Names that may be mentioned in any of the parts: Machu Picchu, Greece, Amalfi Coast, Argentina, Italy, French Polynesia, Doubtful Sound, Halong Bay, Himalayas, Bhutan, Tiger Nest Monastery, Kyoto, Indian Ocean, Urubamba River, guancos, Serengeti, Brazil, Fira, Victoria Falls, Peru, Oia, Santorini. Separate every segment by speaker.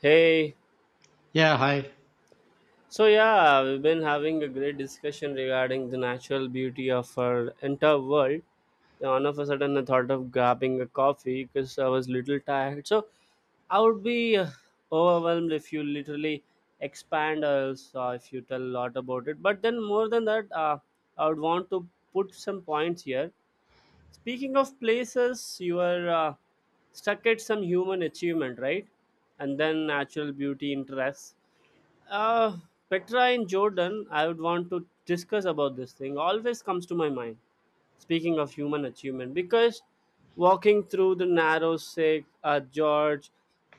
Speaker 1: Hey,
Speaker 2: Yeah, hi.
Speaker 1: so yeah, we've been having a great discussion regarding the natural beauty of our entire world. Then all of a sudden, I thought of grabbing a coffee because I was little tired. So I would be overwhelmed if you literally expand or else if you tell a lot about it. But then, more than that, I would want to put some points here. Speaking of places, you are stuck at some human achievement, right? And then natural beauty interests. Uh, Petra in Jordan, I would want to discuss about this thing. Always comes to my mind. Speaking of human achievement, because walking through the narrow Sikh at George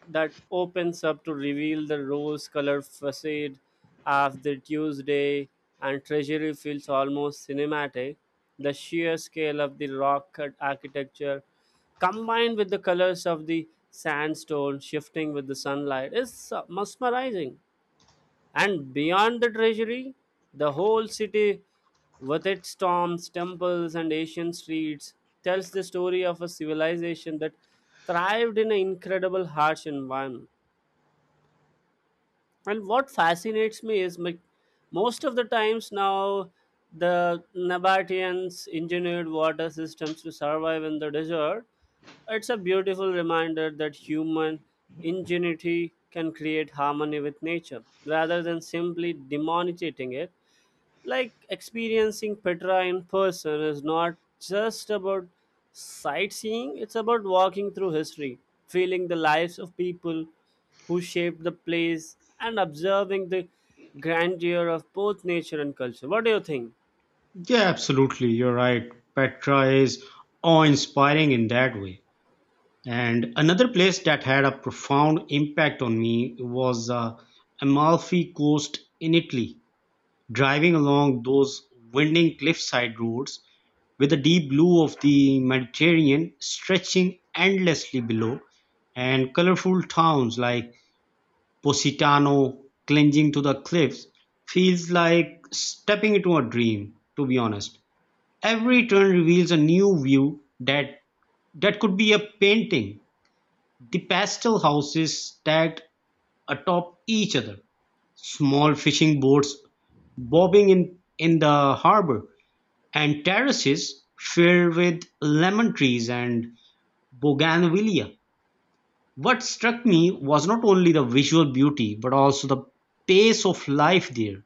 Speaker 1: that opens up to reveal the rose-colored facade of the Tuesday and treasury feels almost cinematic. The sheer scale of the rock cut architecture combined with the colors of the sandstone shifting with the sunlight is mesmerizing, and beyond the treasury, the whole city, with its tombs, temples, and ancient streets, tells the story of a civilization that thrived in an incredible harsh environment, and what fascinates me is like, most of the times now the Nabateans engineered water systems to survive in the desert. It's a beautiful reminder that human ingenuity can create harmony with nature rather than simply demonetizing it. Like, experiencing petra in person is not just about sightseeing, it's about walking through history, feeling the lives of people who shaped the place and observing the grandeur of both nature and culture. What do you think?
Speaker 2: Yeah, absolutely. You're right. Petra is awe inspiring in that way. And another place that had a profound impact on me was the Amalfi Coast in Italy. Driving along those winding cliffside roads with the deep blue of the Mediterranean stretching endlessly below, and colorful towns like Positano clinging to the cliffs feels like stepping into a dream, to be honest. Every turn reveals a new view that could be a painting. The pastel houses stacked atop each other, small fishing boats bobbing in the harbor, and terraces filled with lemon trees and bougainvillea. What struck me was not only the visual beauty but also the pace of life there.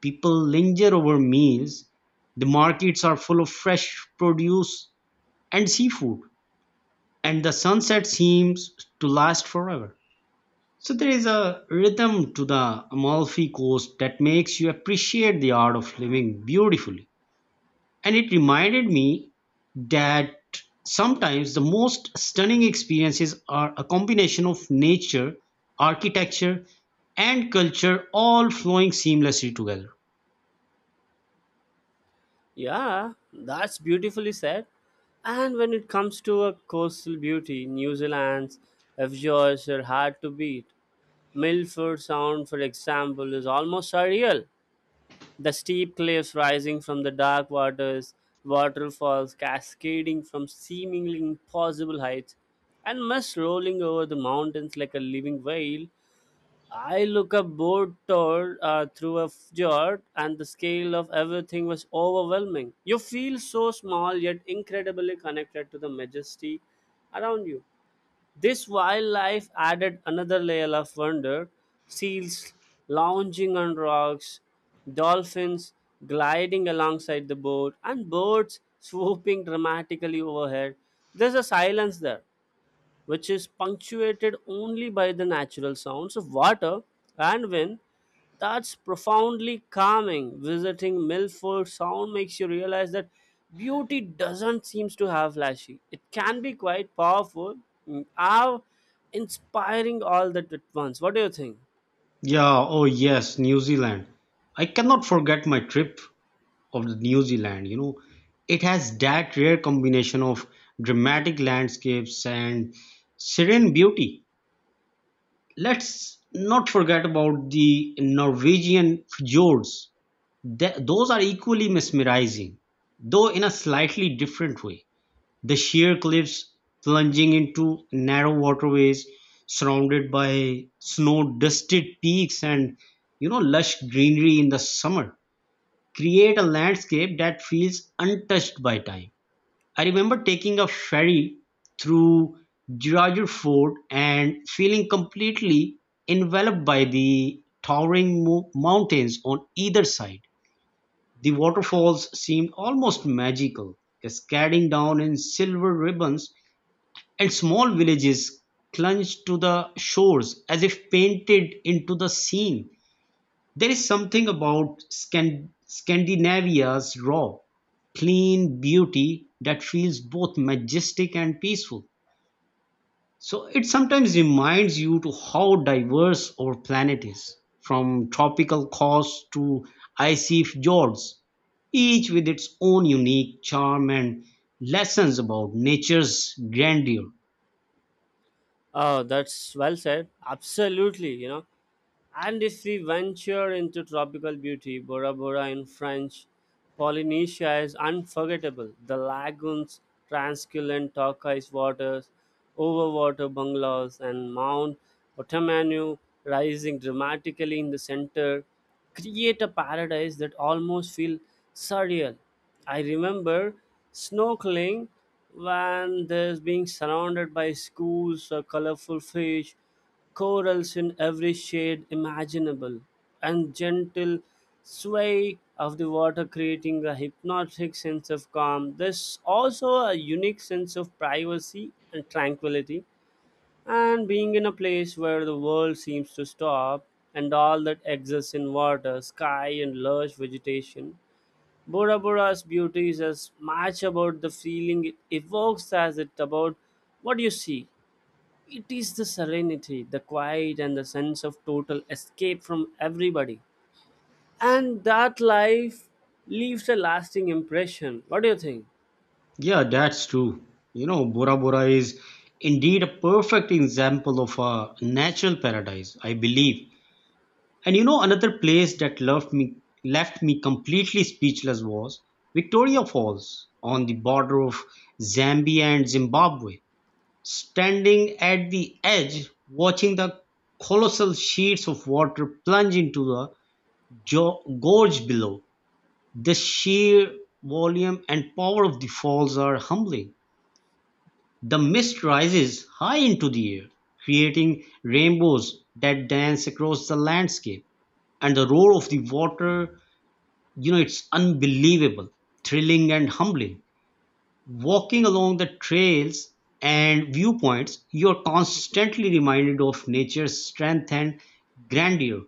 Speaker 2: People linger over meals, the markets are full of fresh produce and seafood, and the sunset seems to last forever. So there is a rhythm to the Amalfi Coast that makes you appreciate the art of living beautifully, and it reminded me that sometimes the most stunning experiences are a combination of nature, architecture, and culture all flowing seamlessly together.
Speaker 1: Yeah, that's beautifully said. And when it comes to a coastal beauty, New Zealand's fjords are hard to beat. Milford Sound, for example, is almost surreal. The steep cliffs rising from the dark waters, waterfalls cascading from seemingly impossible heights, and mist rolling over the mountains like a living veil. I look up board toward through a fjord, and the scale of everything was overwhelming. You feel so small yet incredibly connected to the majesty around you. This wildlife added another layer of wonder. Seals lounging on rocks, dolphins gliding alongside the boat, and birds swooping dramatically overhead. There's a silence there which is punctuated only by the natural sounds of water and wind. That's profoundly calming. Visiting Milford Sound makes you realize that beauty doesn't seem to have flashy. It can be quite powerful, awe, inspiring all that at once. What do you think?
Speaker 2: Yeah. Oh yes, New Zealand, I cannot forget my trip of the New Zealand. You know, it has that rare combination of dramatic landscapes and serene beauty. Let's not forget about the Norwegian fjords. Those are equally mesmerizing, though in a slightly different way. The sheer cliffs plunging into narrow waterways, surrounded by snow dusted peaks and lush greenery in the summer create a landscape that feels untouched by time. I remember taking a ferry through Giroir Fort and feeling completely enveloped by the towering mountains on either side. The waterfalls seemed almost magical, cascading down in silver ribbons, and small villages clung to the shores as if painted into the scene. There is something about Scandinavia's raw, clean beauty that feels both majestic and peaceful. So it sometimes reminds you to how diverse our planet is, from tropical coasts to icy fjords, each with its own unique charm and lessons about nature's grandeur.
Speaker 1: Oh, that's well said. Absolutely, you know. And if we venture into tropical beauty, Bora Bora in French, Polynesia is unforgettable. The lagoons, transculent turquoise waters, overwater bungalows, and Mount Otamanu rising dramatically in the center create a paradise that almost feels surreal. I remember snorkeling when there's being surrounded by schools of colorful fish, corals in every shade imaginable, and gentle sway of the water creating a hypnotic sense of calm. There's also a unique sense of privacy and tranquility, and being in a place where the world seems to stop and all that exists in water, sky, and lush vegetation. Bora Bora's beauty is as much about the feeling it evokes as it about what you see. It is the serenity, the quiet, and the sense of total escape from everybody. And that life leaves a lasting impression. What do you think?
Speaker 2: Yeah, that's true. You know, Bora Bora is indeed a perfect example of a natural paradise, I believe. And you know, another place that left me completely speechless was Victoria Falls on the border of Zambia and Zimbabwe. Standing at the edge, watching the colossal sheets of water plunge into the gorge below, the sheer volume and power of the falls are humbling. The mist rises high into the air, creating rainbows that dance across the landscape. And the roar of the water, you know, it's unbelievable, thrilling and humbling. Walking along the trails and viewpoints, you're constantly reminded of nature's strength and grandeur.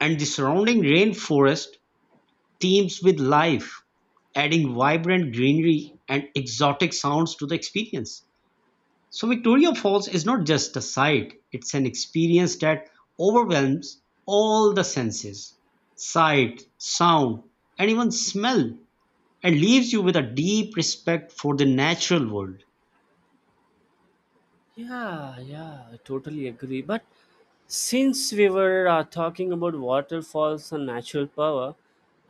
Speaker 2: And the surrounding rainforest teems with life, adding vibrant greenery and exotic sounds to the experience. So Victoria Falls is not just a sight, it's an experience that overwhelms all the senses: sight, sound, and even smell, and leaves you with a deep respect for the natural world.
Speaker 1: Yeah, yeah, I totally agree. But since we were talking about waterfalls and natural power,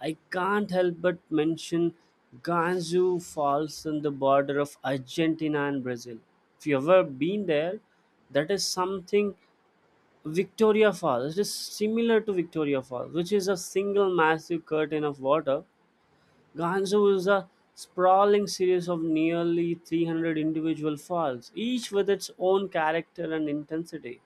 Speaker 1: I can't help but mention Gansu Falls on the border of Argentina and Brazil. If you've ever been there, that is something. Victoria Falls, it is similar to Victoria Falls, which is a single massive curtain of water. Gansu is a sprawling series of nearly 300 individual falls, each with its own character and intensity.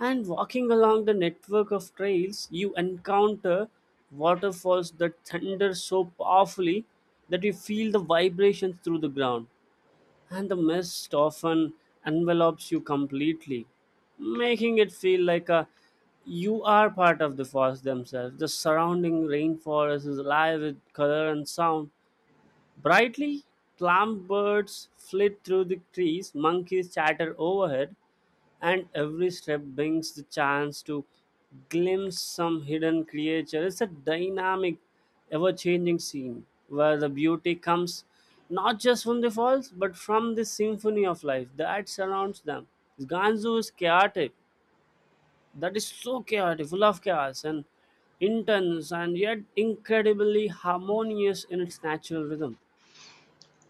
Speaker 1: And walking along the network of trails, you encounter waterfalls that thunder so powerfully that you feel the vibrations through the ground, and the mist often envelops you completely, making it feel like a you are part of the forest themselves. The surrounding rainforest is alive with color and sound. Brightly clamped birds flit through the trees, monkeys chatter overhead, and every step brings the chance to glimpse some hidden creature. It's a dynamic, ever changing scene where the beauty comes not just from the falls but from the symphony of life that surrounds them. Gansu is chaotic, that is so chaotic, full of chaos and intense, and yet incredibly harmonious in its natural rhythm.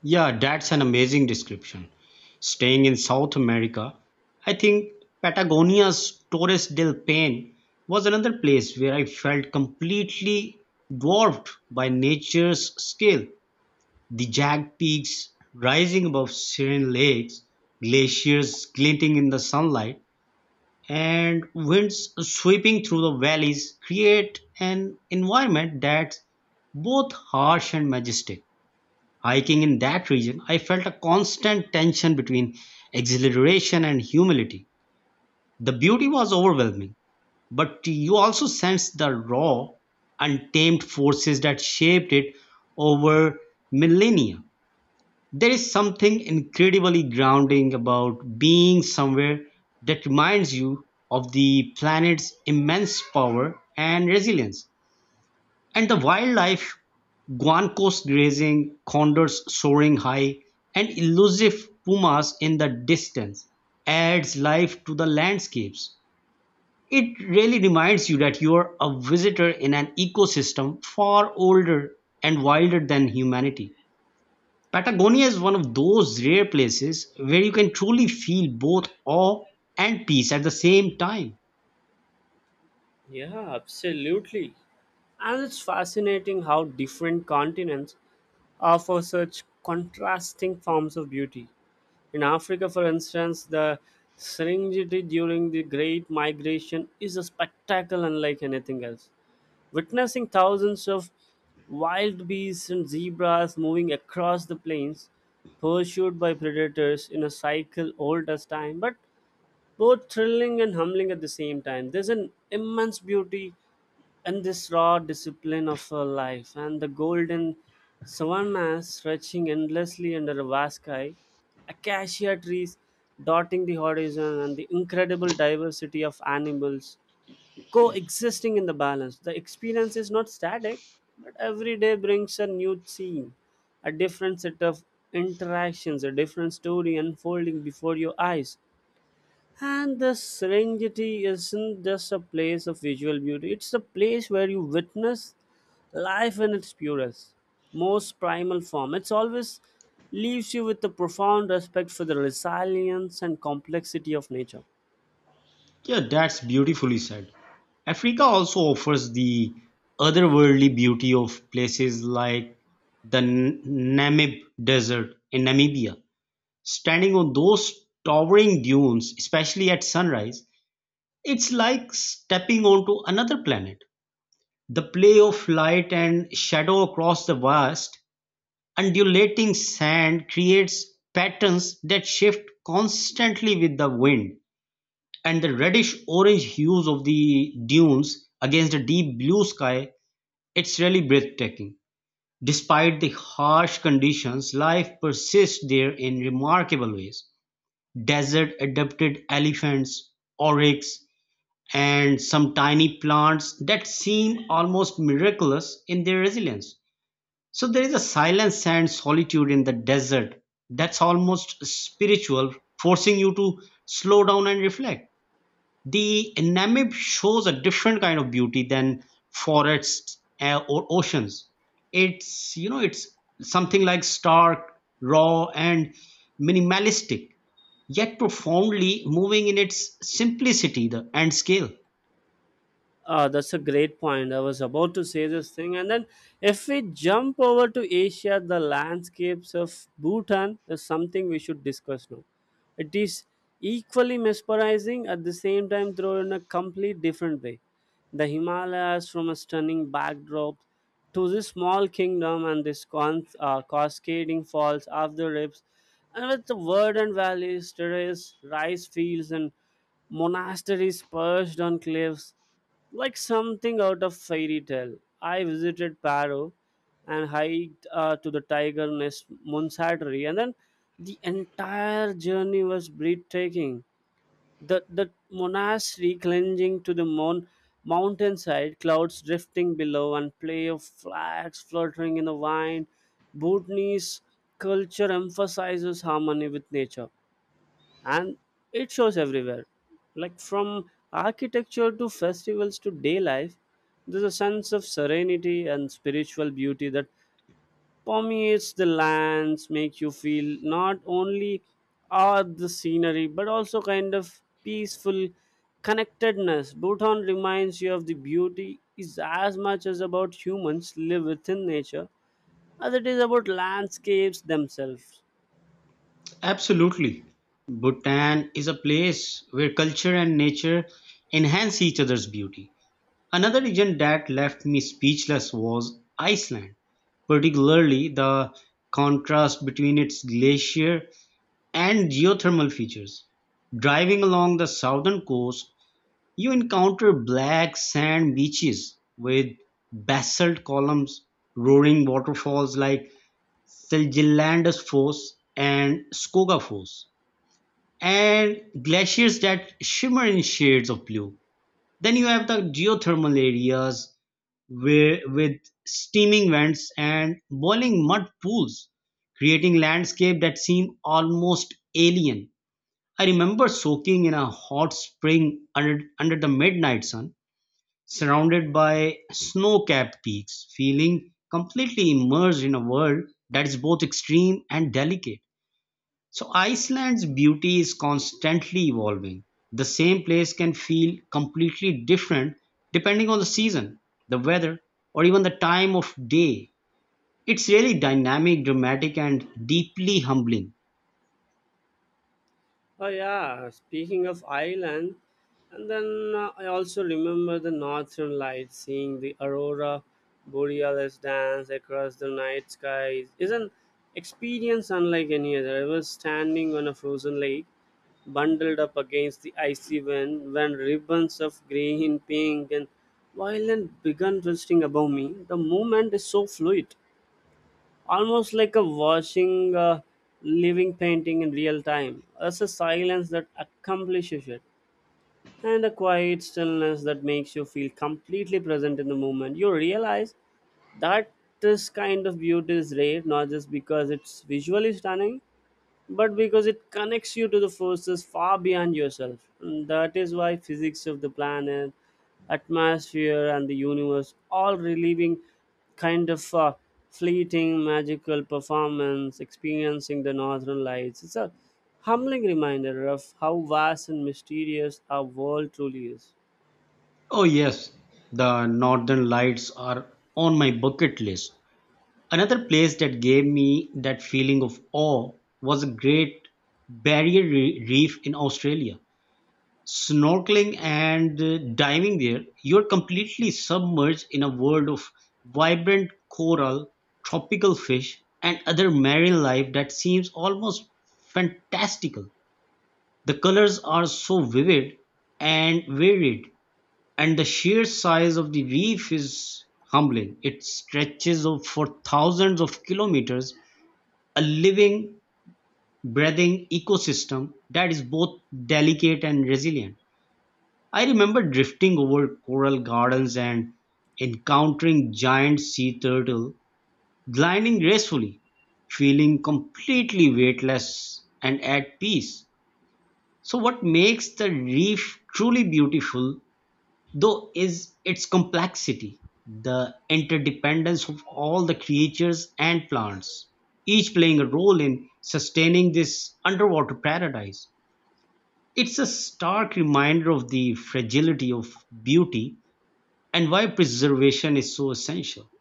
Speaker 2: Yeah, that's an amazing description. Staying in South America, I think Patagonia's Torres del Paine was another place where I felt completely dwarfed by nature's scale. The jagged peaks rising above serene lakes, glaciers glinting in the sunlight, and winds sweeping through the valleys create an environment that's both harsh and majestic. Hiking in that region, I felt a constant tension between exhilaration and humility. The beauty was overwhelming, but you also sensed the raw, untamed forces that shaped it over millennia. There is something incredibly grounding about being somewhere that reminds you of the planet's immense power and resilience. And the wildlife, guancos grazing, condors soaring high, and elusive pumas in the distance, adds life to the landscapes. It really reminds you that you are a visitor in an ecosystem far older and wilder than humanity. Patagonia is one of those rare places where you can truly feel both awe and peace at the same time.
Speaker 1: Yeah, absolutely. And it's fascinating how different continents offer such contrasting forms of beauty. In Africa, for instance, the Serengeti during the Great Migration is a spectacle unlike anything else. Witnessing thousands of wild beasts and zebras moving across the plains, pursued by predators in a cycle old as time, but both thrilling and humbling at the same time. There's an immense beauty in this raw discipline of her life, and the golden savannas stretching endlessly under a vast sky, acacia trees dotting the horizon, and the incredible diversity of animals coexisting in the balance. The experience is not static, but every day brings a new scene, a different set of interactions, a different story unfolding before your eyes. And the Serengeti isn't just a place of visual beauty, it's a place where you witness life in its purest, most primal form. It's always leaves you with a profound respect for the resilience and complexity of nature.
Speaker 2: Yeah, that's beautifully said. Africa also offers the otherworldly beauty of places like the Namib Desert in Namibia. Standing on those towering dunes, especially at sunrise, it's like stepping onto another planet. The play of light and shadow across the vast undulating sand creates patterns that shift constantly with the wind, and the reddish-orange hues of the dunes against the deep blue sky, it's really breathtaking. Despite the harsh conditions, life persists there in remarkable ways. Desert-adapted elephants, oryx, and some tiny plants that seem almost miraculous in their resilience. So there is a silence and solitude in the desert that's almost spiritual, forcing you to slow down and reflect. The Namib shows a different kind of beauty than forests or oceans. It's, it's something like stark, raw, and minimalistic, yet profoundly moving in its simplicity the, and scale.
Speaker 1: That's a great point. I was about to say this thing. And then, if we jump over to Asia, the landscapes of Bhutan is something we should discuss now. It is equally mesmerizing at the same time, though in a complete different way. The Himalayas, from a stunning backdrop to this small kingdom and this cascading falls of the rivers, and with the verdant valleys, terrace, rice fields, and monasteries perched on cliffs like something out of fairy tale. I visited Paro and hiked to the Tiger Nest Monastery, and then the entire journey was breathtaking. The monastery clinging to the mountainside, clouds drifting below, and play of flags fluttering in the wind. Bhutanese culture emphasizes harmony with nature, and it shows everywhere, like from architecture to festivals to day life. There's a sense of serenity and spiritual beauty that permeates the lands, makes you feel not only awe at the scenery but also kind of peaceful connectedness. Bhutan reminds you of the beauty is as much as about humans live within nature as it is about landscapes themselves.
Speaker 2: Absolutely. Bhutan is a place where culture and nature enhance each other's beauty. Another region that left me speechless was Iceland, particularly the contrast between its glacier and geothermal features. Driving along the southern coast, you encounter black sand beaches with basalt columns, roaring waterfalls like Seljalandsfoss and Skogafoss, and glaciers that shimmer in shades of blue. Then you have the geothermal areas where, with steaming vents and boiling mud pools, creating landscape that seem almost alien. I remember soaking in a hot spring under the midnight sun, surrounded by snow-capped peaks, feeling completely immersed in a world that is both extreme and delicate. So Iceland's beauty is constantly evolving. The same place can feel completely different depending on the season, the weather, or even the time of day. It's really dynamic, dramatic, and deeply humbling.
Speaker 1: Oh yeah, speaking of Ireland, and then I also remember the northern lights, seeing the aurora borealis dance across the night sky is an experience unlike any other. I was standing on a frozen lake, bundled up against the icy wind, when ribbons of green, pink, and violet began twisting above me. The movement is so fluid, almost like a watching a living painting in real time. As a silence that accomplishes it, and a quiet stillness that makes you feel completely present in the moment. You realize that this kind of beauty is rare, not just because it's visually stunning, but because it connects you to the forces far beyond yourself. And that is why physics of the planet, atmosphere, and the universe all reliving kind of fleeting magical performance, experiencing the northern lights. It's a humbling reminder of how vast and mysterious our world truly is.
Speaker 2: Oh yes, the northern lights are on my bucket list. Another place that gave me that feeling of awe was a great barrier reef in Australia. Snorkeling and diving there, you're completely submerged in a world of vibrant coral, tropical fish, and other marine life that seems almost fantastical. The colors are so vivid and varied, and the sheer size of the reef is humbling. It stretches for thousands of kilometers, a living, breathing ecosystem that is both delicate and resilient. I remember drifting over coral gardens and encountering giant sea turtle gliding gracefully, feeling completely weightless and at peace. So what makes the reef truly beautiful though is its complexity, the interdependence of all the creatures and plants, each playing a role in sustaining this underwater paradise. It's a stark reminder of the fragility of beauty and why preservation is so essential.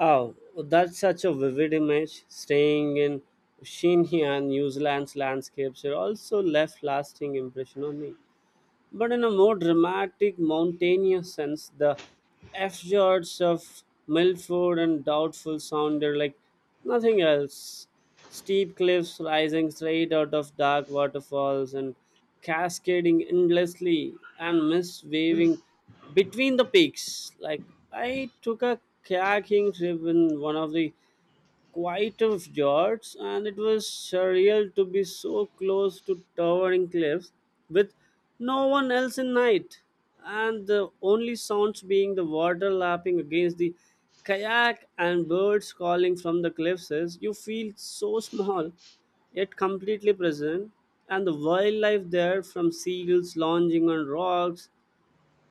Speaker 1: Oh, that's such a vivid image. Staying in Shinhya, New Zealand's landscapes are also left lasting impression on me. But in a more dramatic, mountainous sense, the fjords of Milford and Doubtful sounded like nothing else. Steep cliffs rising straight out of dark waterfalls and cascading endlessly, and mist waving between the peaks. Like I took a kayaking trip in one of the quite of George, and it was surreal to be so close to towering cliffs with no one else in night, and the only sounds being the water lapping against the kayak and birds calling from the cliffs. Is you feel so small, yet completely present, and the wildlife there from seagulls lounging on rocks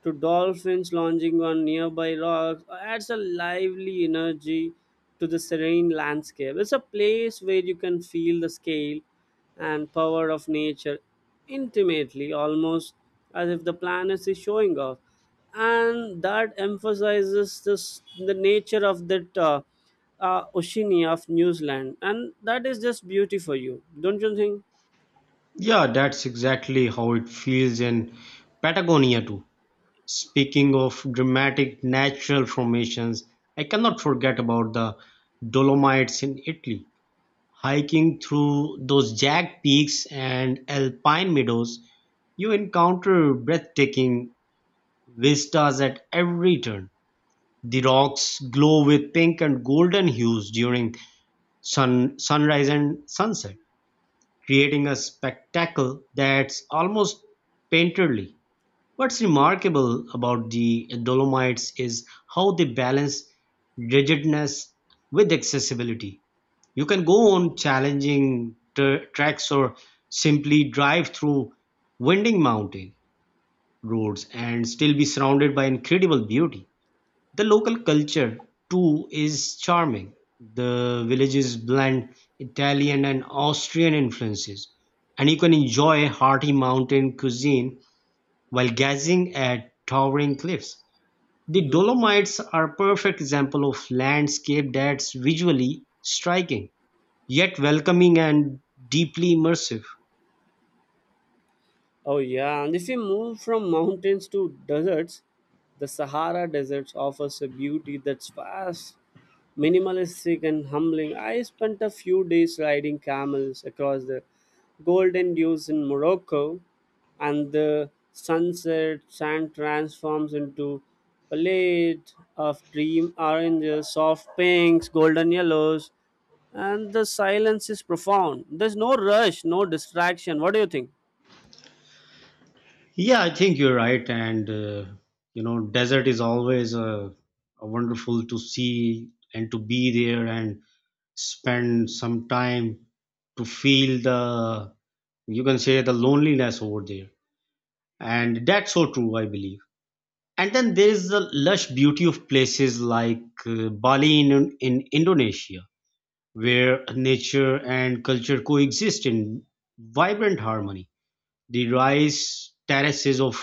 Speaker 1: to dolphins lounging on nearby rocks adds a lively energy to the serene landscape. It's a place where you can feel the scale and power of nature intimately, almost as if the planet is showing off. And that emphasizes this, the nature of that Oceania of New Zealand. And that is just beauty for you, don't you
Speaker 2: Yeah, that's exactly how it feels in Patagonia too. Speaking of dramatic natural formations, I cannot forget about the Dolomites in Italy. Hiking through those jagged peaks and alpine meadows, you encounter breathtaking vistas at every turn. The rocks glow with pink and golden hues during sunrise and sunset, creating a spectacle that's almost painterly. What's remarkable about the Dolomites is how they balance rigidness with accessibility. You can go on challenging tracks or simply drive through winding mountain roads and still be surrounded by incredible beauty. The local culture, too, is charming. The villages blend Italian and Austrian influences, and you can enjoy hearty mountain cuisine while gazing at towering cliffs. The
Speaker 1: think?
Speaker 2: Dolomites are a perfect example of landscape that's visually striking, yet welcoming and deeply immersive.
Speaker 1: Oh yeah, and if you move from mountains to deserts, the Sahara Desert offers a beauty that's vast, minimalistic, and humbling. I spent a few days riding camels across the golden dunes in Morocco, and the sunset sand transforms into palette of dream oranges, soft pinks, golden yellows, and the silence is profound. There's no rush, no distraction. What do you think?
Speaker 2: Yeah, I think you're right, and you know, desert is always a wonderful to see and to be there and spend some time to feel the, you can say, the loneliness over there, and that's so true, I believe. And then there is the lush beauty of places like Bali in Indonesia, where nature and culture coexist in vibrant harmony. The rice terraces of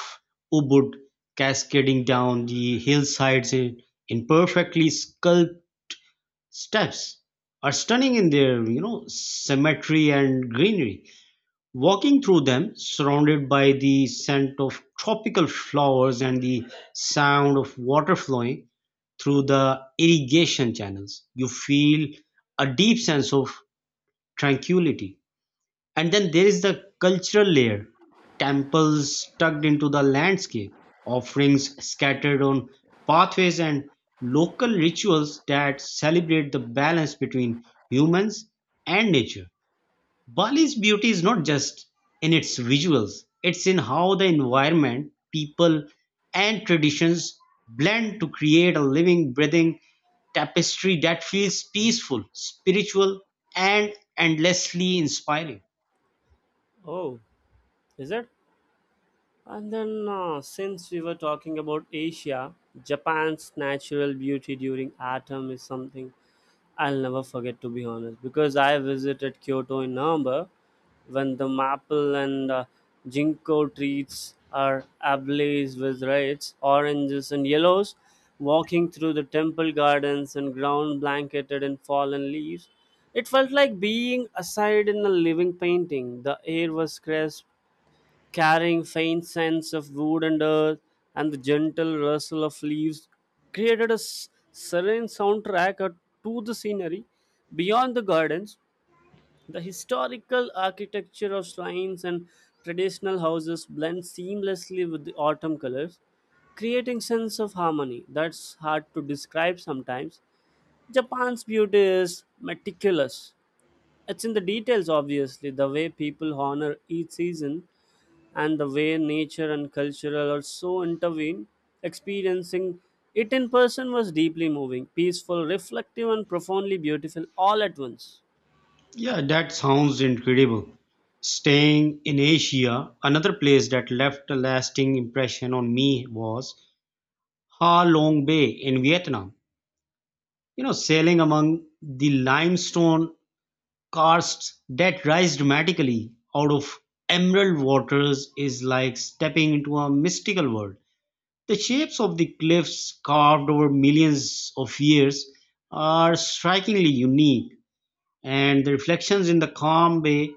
Speaker 2: Ubud cascading down the hillsides in perfectly sculpted steps are stunning in their, symmetry and greenery. Walking through them, surrounded by the scent of tropical flowers and the sound of water flowing through the irrigation channels, you feel a deep sense of tranquility. And then there is the cultural layer, temples tucked into the landscape, offerings scattered on pathways, and local rituals that celebrate the balance between humans and nature. Bali's beauty is not just in its visuals, it's in how the environment, people, and traditions blend to create a living, breathing tapestry that feels peaceful, spiritual, and endlessly inspiring.
Speaker 1: Oh. Is it? And then, since we were talking about Asia, Japan's natural beauty during autumn is something I'll never forget, to be honest, because I visited Kyoto in November when the maple and ginkgo trees are ablaze with reds, oranges, and yellows. Walking through the temple gardens and ground blanketed in fallen leaves, it felt like being aside in a living painting. The air was crisp, carrying faint scents of wood and earth, and the gentle rustle of leaves created a serene soundtrack to the scenery. Beyond the gardens, the historical architecture of shrines and traditional houses blend seamlessly with the autumn colors, creating sense of harmony that's hard to describe sometimes. Japan's beauty is meticulous. It's in the details, obviously the way people honor each season and the way nature and culture are so intervened, experiencing it in person was deeply moving, peaceful, reflective, and profoundly beautiful all at once.
Speaker 2: Yeah, that sounds incredible. Staying in Asia, another place that left a lasting impression on me was Ha Long Bay in Vietnam. You know, sailing among the limestone karsts that rise dramatically out of emerald waters is like stepping into a mystical world. The shapes of the cliffs carved over millions of years are strikingly unique, and the reflections in the calm bay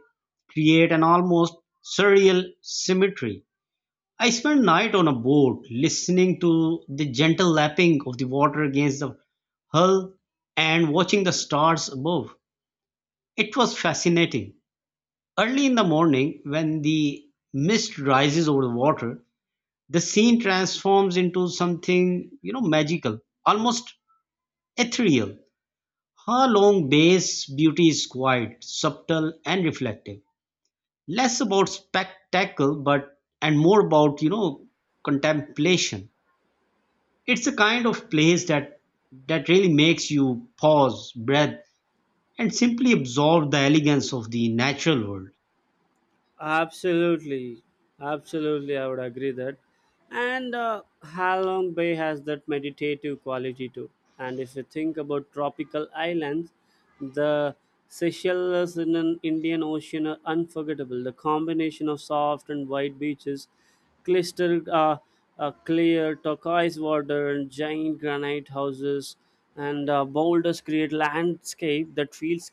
Speaker 2: create an almost surreal symmetry. I spent night on a boat listening to the gentle lapping of the water against the hull and watching the stars above. It was fascinating. Early in the morning, when the mist rises over the water, the scene transforms into something, you know, magical, almost ethereal. Her long bay's beauty is quiet, subtle, and reflective, less about spectacle but and more about, contemplation. It's a kind of place that really makes you pause, breathe, and simply absorb the elegance of the natural world.
Speaker 1: Absolutely, absolutely, I would agree that. And Halong Bay has that meditative quality too. And if you think about tropical islands, the Seychelles in an Indian Ocean are unforgettable. The combination of soft and white beaches, clustered clear turquoise water, and giant granite houses, and boulders create landscape that feels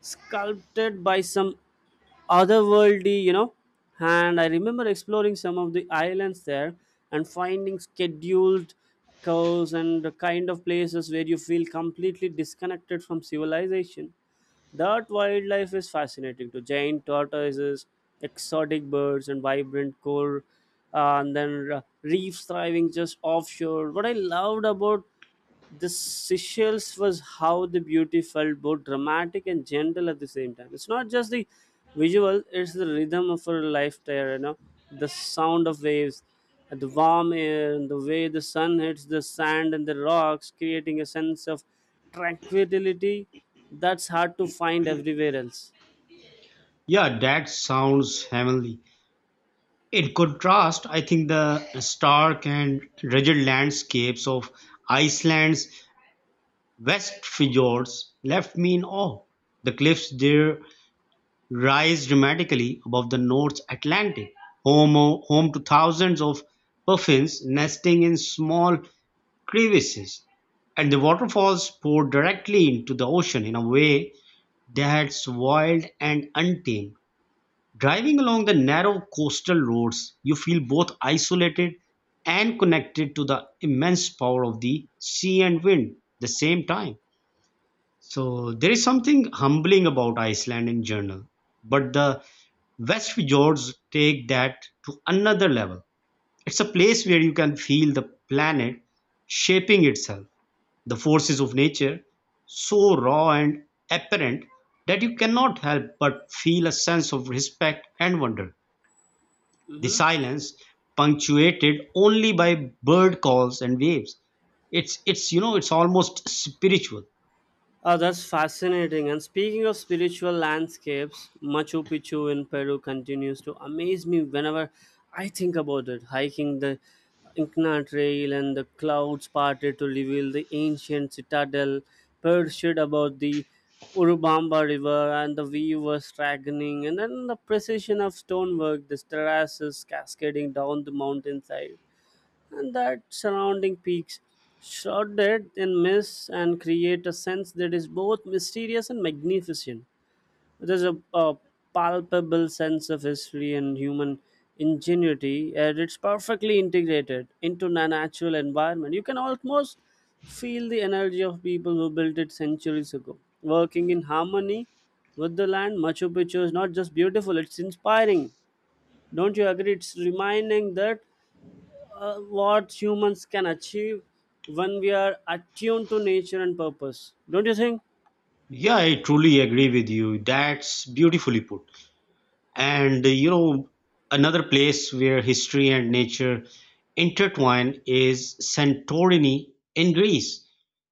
Speaker 1: sculpted by some otherworldly, you know. And I remember exploring some of the islands there and finding scheduled curves and the kind of places where you feel completely disconnected from civilization. That wildlife is fascinating to giant tortoises, exotic birds, and vibrant coral, and then reefs thriving just offshore. What I loved about the Seychelles was how the beauty felt both dramatic and gentle at the same time. It's not just the visual, it's the rhythm of her life there, you know, the sound of waves, and the warm air, and the way the sun hits the sand and the rocks, creating a sense of tranquility that's hard to find everywhere else.
Speaker 2: Yeah, that sounds heavenly. In contrast, I think the stark and rugged landscapes of Iceland's west fjords left me in awe. The cliffs there rise dramatically above the North Atlantic, home to thousands of puffins nesting in small crevices. And the waterfalls pour directly into the ocean in a way that's wild and untamed. Driving along the narrow coastal roads, you feel both isolated and connected to the immense power of the sea and wind at the same time. So there is something humbling about Iceland in general, but the West Fjords take that to another level. It's a place where you can feel the planet shaping itself, the forces of nature so raw and apparent that you cannot help but feel a sense of respect and wonder. The silence, punctuated only by bird calls and waves, it's it's almost spiritual.
Speaker 1: Oh, that's fascinating. And speaking of spiritual landscapes, Machu Picchu in Peru continues to amaze me whenever I think about it. Hiking the Incna Trail and the clouds parted to reveal the ancient citadel, perched above the Urubamba River, and the view was staggering. And then the precision of stonework, the terraces cascading down the mountainside, and that surrounding peaks shrouded in mist and create a sense that is both mysterious and magnificent. There's a palpable sense of history and human ingenuity, and it's perfectly integrated into a natural environment. You can almost feel the energy of people who built it centuries ago, working in harmony with the land. Machu Picchu is not just beautiful, it's inspiring. Don't you agree? It's reminding that a lot humans can achieve when we are attuned to nature and purpose. Don't you think?
Speaker 2: Yeah, I truly agree with you. That's beautifully put. And you know, another place where history and nature intertwine is Santorini in Greece,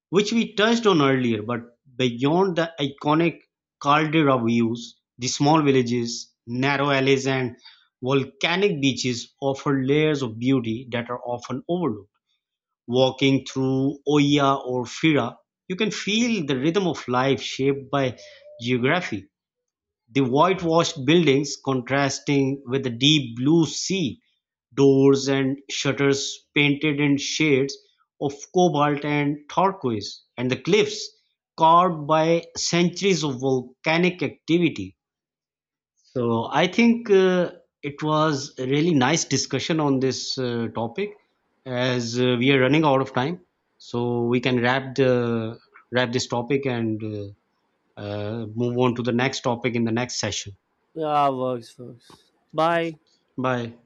Speaker 2: which we touched on earlier. But beyond the iconic caldera views, the small villages, narrow alleys, and volcanic beaches offer layers of beauty that are often overlooked. Walking through Oia or Fira, you can feel the rhythm of life shaped by geography, the whitewashed buildings contrasting with the deep blue sea, doors and shutters painted in shades of cobalt and turquoise, and the cliffs carved by centuries of volcanic activity. So I think it was a really nice discussion on this topic, as we are running out of time. So we can wrap this topic and move on to the next topic in the next session.
Speaker 1: Yeah, works, works. Bye.
Speaker 2: Bye.